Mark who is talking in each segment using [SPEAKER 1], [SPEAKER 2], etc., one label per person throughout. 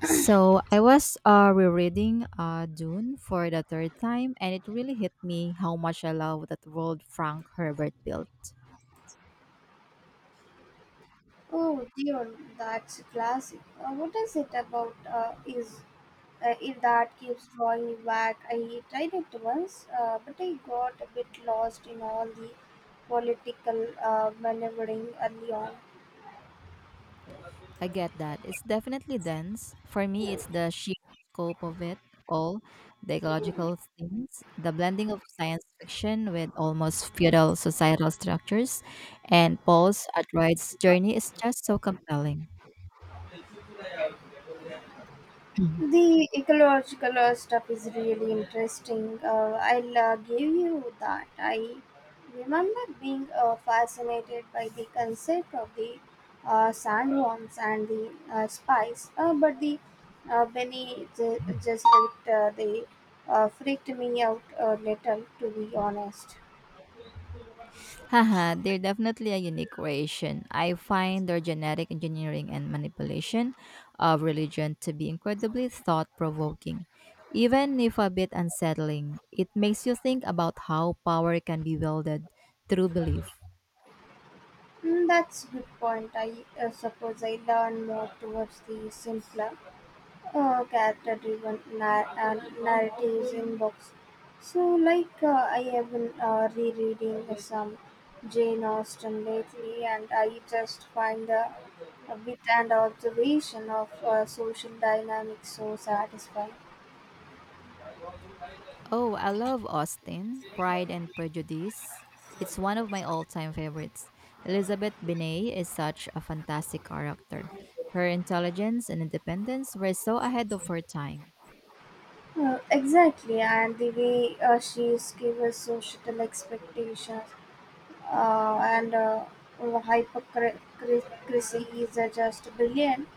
[SPEAKER 1] So I was rereading Dune for the third time, and it really hit me how much I love that world Frank Herbert built.
[SPEAKER 2] Oh, Dion, that's a classic. What is it about is it that keeps drawing you back? I tried it once, but I got a bit lost in all the political maneuvering early on.
[SPEAKER 1] I get that it's definitely dense. For me, it's the sheer scope of it all, the ecological things, the blending of science fiction with almost feudal societal structures, and Paul's Atroid's journey is just so compelling.
[SPEAKER 2] The ecological stuff is really interesting. I'll give you that. I remember being fascinated by the concept of the sandworms and the spice, but the Benny ju- just it, they freaked me out a little, to be honest.
[SPEAKER 1] Haha, they're definitely a unique creation. I find their genetic engineering and manipulation of religion to be incredibly thought provoking. Even if a bit unsettling, it makes you think about how power can be wielded through belief.
[SPEAKER 2] Mm, that's good point. I suppose I learn more towards the simpler character driven narratives in books. So, like, I have been rereading some Jane Austen lately, and I just find the wit and observation of social dynamics so satisfying.
[SPEAKER 1] Oh, I love Austen, Pride and Prejudice. It's one of my all time favorites. Elizabeth Binet is such a fantastic character. Her intelligence and independence were so ahead of her time.
[SPEAKER 2] Exactly, and the way she gives us societal expectations uh, and uh, oh, hypocrisy is just brilliant.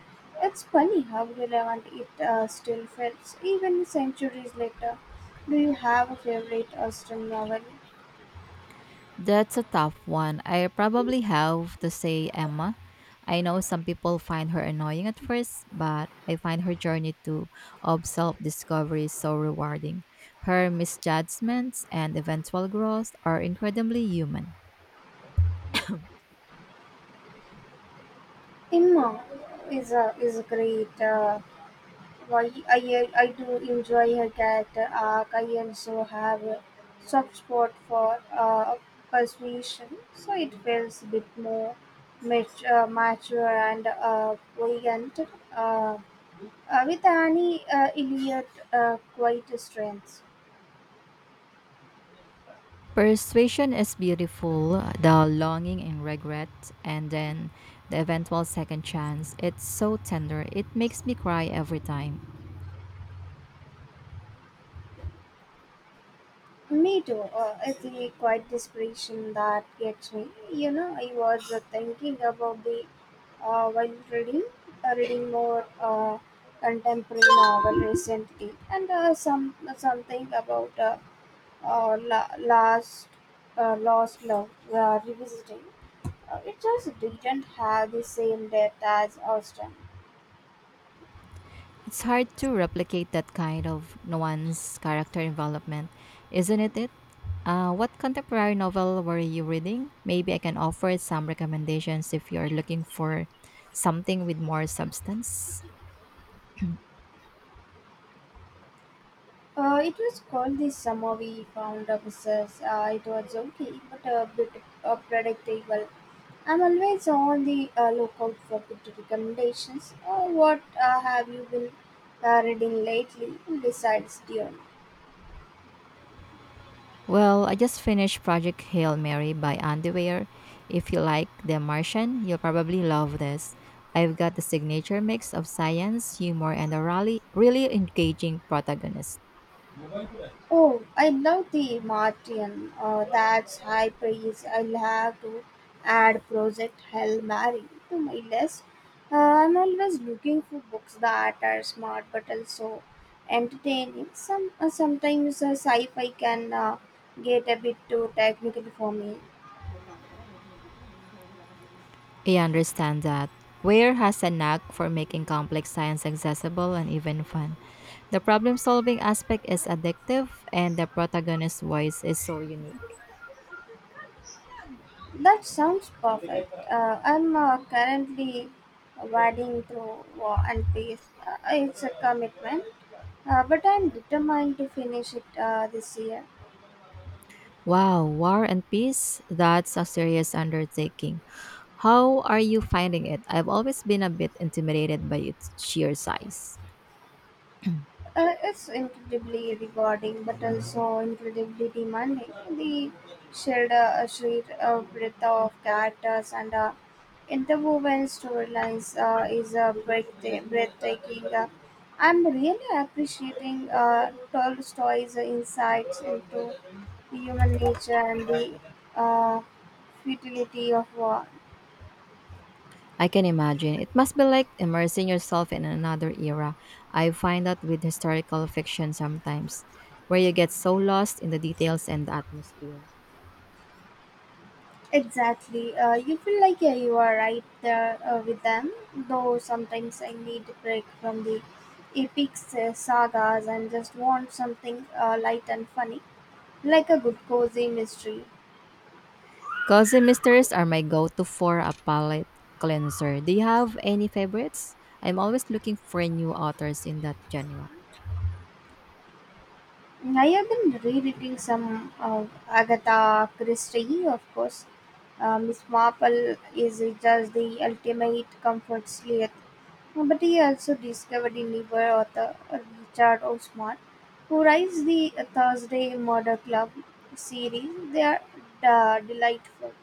[SPEAKER 2] It's funny how relevant it still feels even centuries later. Do you have a favorite Austen novel?
[SPEAKER 1] That's a tough one. I probably have to say Emma. I know some people find her annoying at first, but I find her journey to of self-discovery so rewarding. Her misjudgments and eventual growth are incredibly human.
[SPEAKER 2] Emma is a great. While I do enjoy her character arc, I also have a soft spot for persuasion, so it feels a bit more mature and buoyant, uh, with Annie Elliot quite a strength.
[SPEAKER 1] Persuasion is beautiful, the longing and regret, and then the eventual second chance. It's so tender. It makes me cry every time.
[SPEAKER 2] Me too. It's a quiet desperation that gets me. You know, I was thinking about uh, while reading, reading more contemporary novel recently, and some something about la- last lost love revisiting. It just didn't have the same depth as Austin.
[SPEAKER 1] It's hard to replicate that kind of nuance character development, isn't it? What contemporary novel were you reading? Maybe I can offer some recommendations if you're looking for something with more substance.
[SPEAKER 2] It was called the summer we found officers. It was okay, but a bit predictable. I'm always on the lookout for good recommendations. What have you been reading lately besides Dune?
[SPEAKER 1] Well, I just finished Project Hail Mary by Andy Weir. If you like The Martian, you'll probably love this. I've got the signature mix of science, humor, and a really, really engaging protagonist.
[SPEAKER 2] Oh, I love the Martian. That's high praise. I'll have to add Project Hell Mary to my list. I'm always looking for books that are smart but also entertaining. Sometimes sci-fi can get a bit too technical for me.
[SPEAKER 1] I understand that. Ware has a knack for making complex science accessible and even fun. The problem solving aspect is addictive, and the protagonist's voice is so unique.
[SPEAKER 2] That sounds perfect. I'm currently wading through War and Peace. It's a commitment, but I'm determined to finish it this year.
[SPEAKER 1] Wow, War and Peace? That's a serious undertaking. How are you finding it? I've always been a bit intimidated by its sheer size.
[SPEAKER 2] It's incredibly rewarding but also incredibly demanding. The shared sheer breadth of characters and interwoven storylines is breathtaking. I'm really appreciating Tolstoy's insights into human nature and the uh, futility of war.
[SPEAKER 1] I can imagine. It must be like immersing yourself in another era. I find that with historical fiction sometimes, where you get so lost in the details and the atmosphere.
[SPEAKER 2] Exactly. You feel like yeah, you are right there with them, though sometimes I need a break from the epic sagas and just want something light and funny, like a good cozy mystery.
[SPEAKER 1] Cozy mysteries are my go to for a palate cleanser. Do you have any favorites? I'm always looking for new authors in that genre.
[SPEAKER 2] Mm, I have been rereading some of Agatha Christie, of course. Miss Marple is just the ultimate comfort sleuth. But he also discovered a newer author, Richard Osman, who writes the Thursday Murder Club series. They are delightful.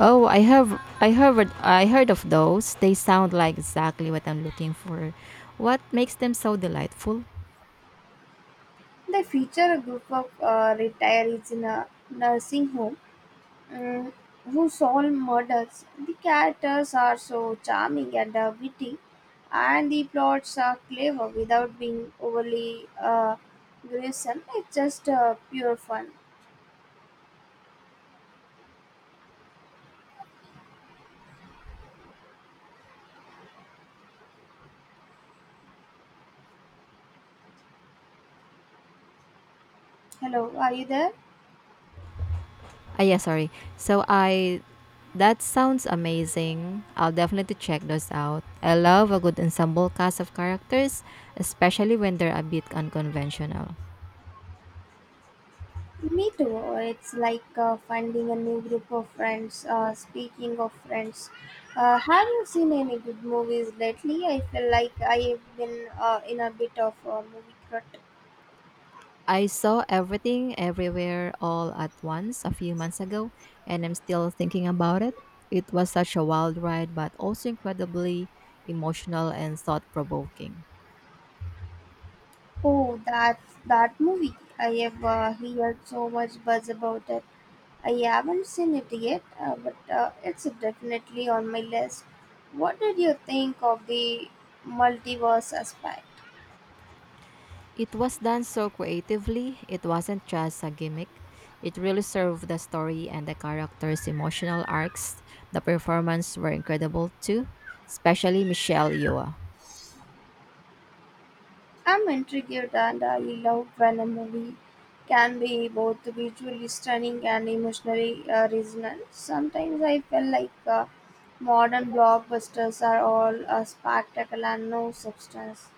[SPEAKER 1] Oh, I have I heard of those. They sound like exactly what I'm looking for. What makes them so delightful?
[SPEAKER 2] They feature a group of retirees in a nursing home mm, who solve murders. The characters are so charming and witty, and the plots are clever without being overly gruesome. It's just pure fun.
[SPEAKER 1] I love a good ensemble cast of characters, especially when they're a bit unconventional.
[SPEAKER 2] Hello, are you there?
[SPEAKER 1] Ah, yeah, sorry. So I that sounds amazing. I'll definitely check those out. I love a good ensemble cast of characters, especially when they're a bit unconventional.
[SPEAKER 2] Me too. It's like finding a new group of friends. Speaking of friends, have you seen any good movies lately? I feel like I've been in a bit of a movie rut.
[SPEAKER 1] I saw everything everywhere all at once a few months ago, and I'm still thinking about it. It was such a wild ride, but also incredibly emotional and thought provoking.
[SPEAKER 2] Oh, that's that movie. I have heard so much buzz about it. I haven't seen it yet, but it's definitely on my list. What did you think of the multiverse aspect?
[SPEAKER 1] It was done so creatively, it wasn't just a gimmick. It really served the story and the characters' emotional arcs. The performances were incredible too, especially Michelle Yeoh.
[SPEAKER 2] I'm intrigued and I love when a movie can be both visually stunning and emotionally resonant. Sometimes I feel like modern blockbusters are all spectacle and no substance.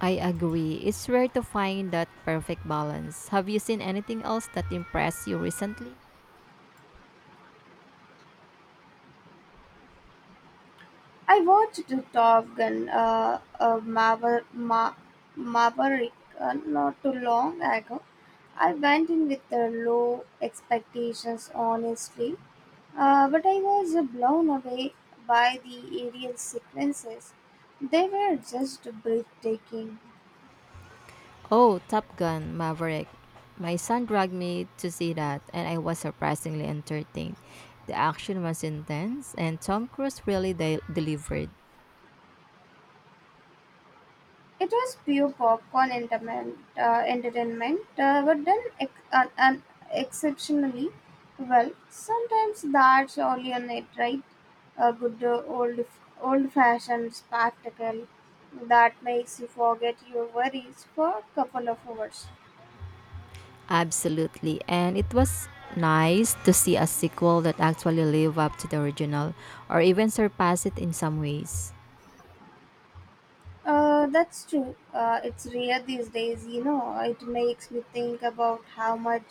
[SPEAKER 1] I agree, it's rare to find that perfect balance. Have you seen anything else that impressed you recently?
[SPEAKER 2] I watched the Top Gun Maverick not too long ago. I went in with low expectations, honestly, but I was blown away by the aerial sequences. They were just breathtaking.
[SPEAKER 1] Oh, Top Gun Maverick. My son dragged me to see that, and I was surprisingly entertained. The action was intense, and Tom Cruise really delivered.
[SPEAKER 2] It was pure popcorn entertainment but done exceptionally well. Sometimes that's all you need, right? A good old fashioned spectacle that makes you forget your worries for a couple of hours.
[SPEAKER 1] Absolutely. And it was nice to see a sequel that actually live up to the original or even surpass it in some ways.
[SPEAKER 2] That's true. It's rare these days, you know. It makes me think about how much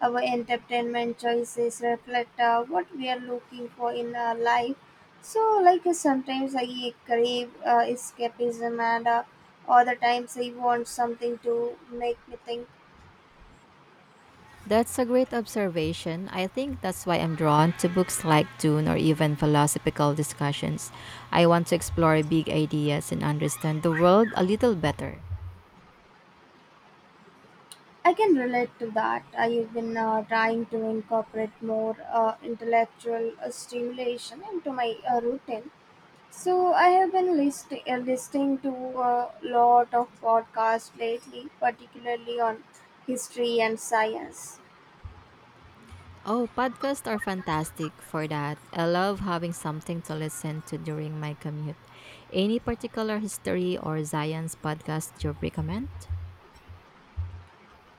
[SPEAKER 2] our entertainment choices reflect what we are looking for in our life. So, like sometimes I crave escapism, and other times I want something to make me think.
[SPEAKER 1] That's a great observation. I think that's why I'm drawn to books like Dune or even philosophical discussions. I want to explore big ideas and understand the world a little better.
[SPEAKER 2] I can relate to that. I've been trying to incorporate more intellectual stimulation into my routine. So I have been listening to a lot of podcasts lately, particularly on history and science.
[SPEAKER 1] Oh, podcasts are fantastic for that. I love having something to listen to during my commute. Any particular history or science podcast you recommend?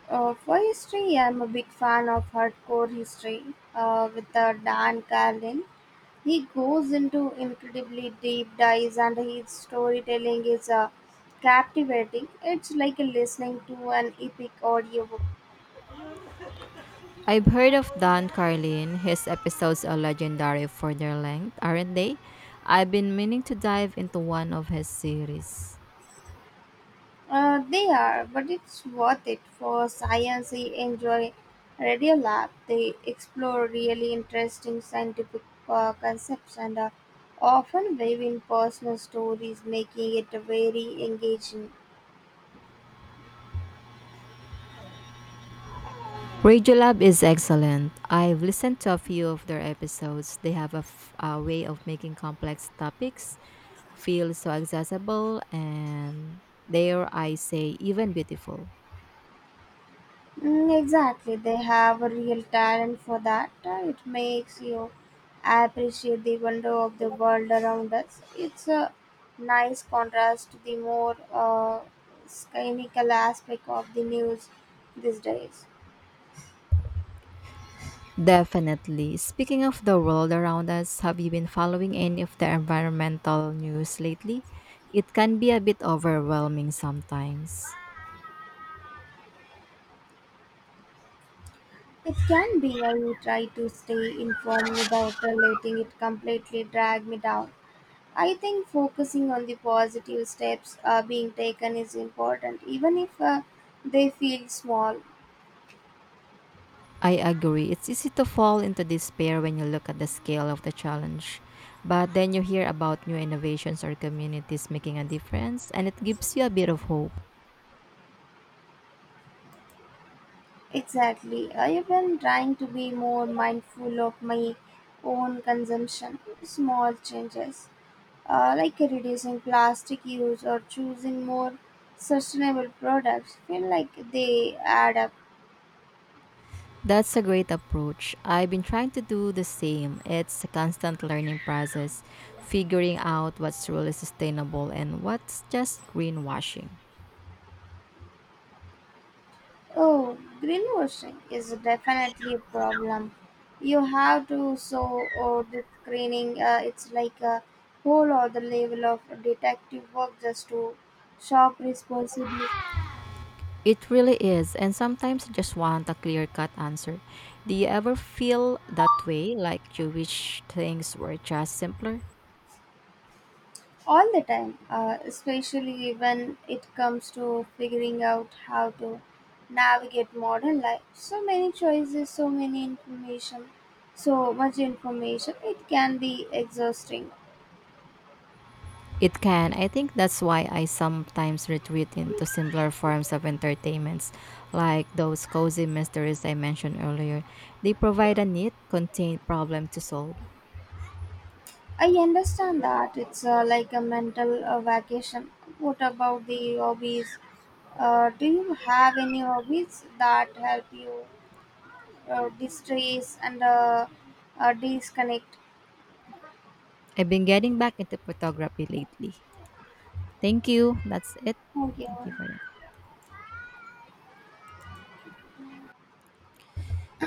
[SPEAKER 2] For history, I'm a big fan of hardcore history with Dan Carlin. He goes into incredibly deep dives, and his storytelling is captivating. It's like listening to an epic audiobook.
[SPEAKER 1] I've heard of Don Carlin. His episodes are legendary for their length, aren't they? I've been meaning to dive into one of his series.
[SPEAKER 2] They are, but it's worth it for science. I enjoy Radio Lab. They explore really interesting scientific concepts and often weave in personal stories, making it very engaging.
[SPEAKER 1] Radiolab is excellent. I've listened to a few of their episodes. They have a way of making complex topics feel so accessible and, dare I say, even beautiful.
[SPEAKER 2] Mm, exactly, they have a real talent for that. It makes you appreciate the wonder of the world around us. It's a nice contrast to the more uh, cynical aspect of the news these days.
[SPEAKER 1] Definitely. Speaking of the world around us, have you been following any of the environmental news lately? It can be a bit overwhelming sometimes.
[SPEAKER 2] It can be I you try to stay informed without letting it completely drag me down. I think focusing on the positive steps being taken is important, even if they feel small.
[SPEAKER 1] I agree. It's easy to fall into despair when you look at the scale of the challenge. But then you hear about new innovations or communities making a difference, and it gives you a bit of hope.
[SPEAKER 2] Exactly. I have been trying to be more mindful of my own consumption. Small changes, like reducing plastic use or choosing more sustainable products, feel like they add up.
[SPEAKER 1] That's a great approach. I've been trying to do the same. It's a constant learning process, figuring out what's really sustainable and what's just greenwashing.
[SPEAKER 2] Oh, greenwashing is definitely a problem. You have to so or the screening. It's like a whole other level of detective work just to shop responsibly.
[SPEAKER 1] It really is, and sometimes I just want a clear cut answer. Do you ever feel that way, like you wish things were just simpler?
[SPEAKER 2] All the time especially when it comes to figuring out how to navigate modern life, so many choices, so many information, so much information. It can be exhausting.
[SPEAKER 1] It can. I think that's why I sometimes retreat into simpler forms of entertainments, like those cozy mysteries I mentioned earlier. They provide a neat, contained problem to solve.
[SPEAKER 2] I understand that. It's like a mental vacation. What about the hobbies? Do you have any hobbies that help you distress and disconnect?
[SPEAKER 1] I've been getting back into photography lately. Thank you. That's it.
[SPEAKER 2] Okay.
[SPEAKER 1] Thank you for that.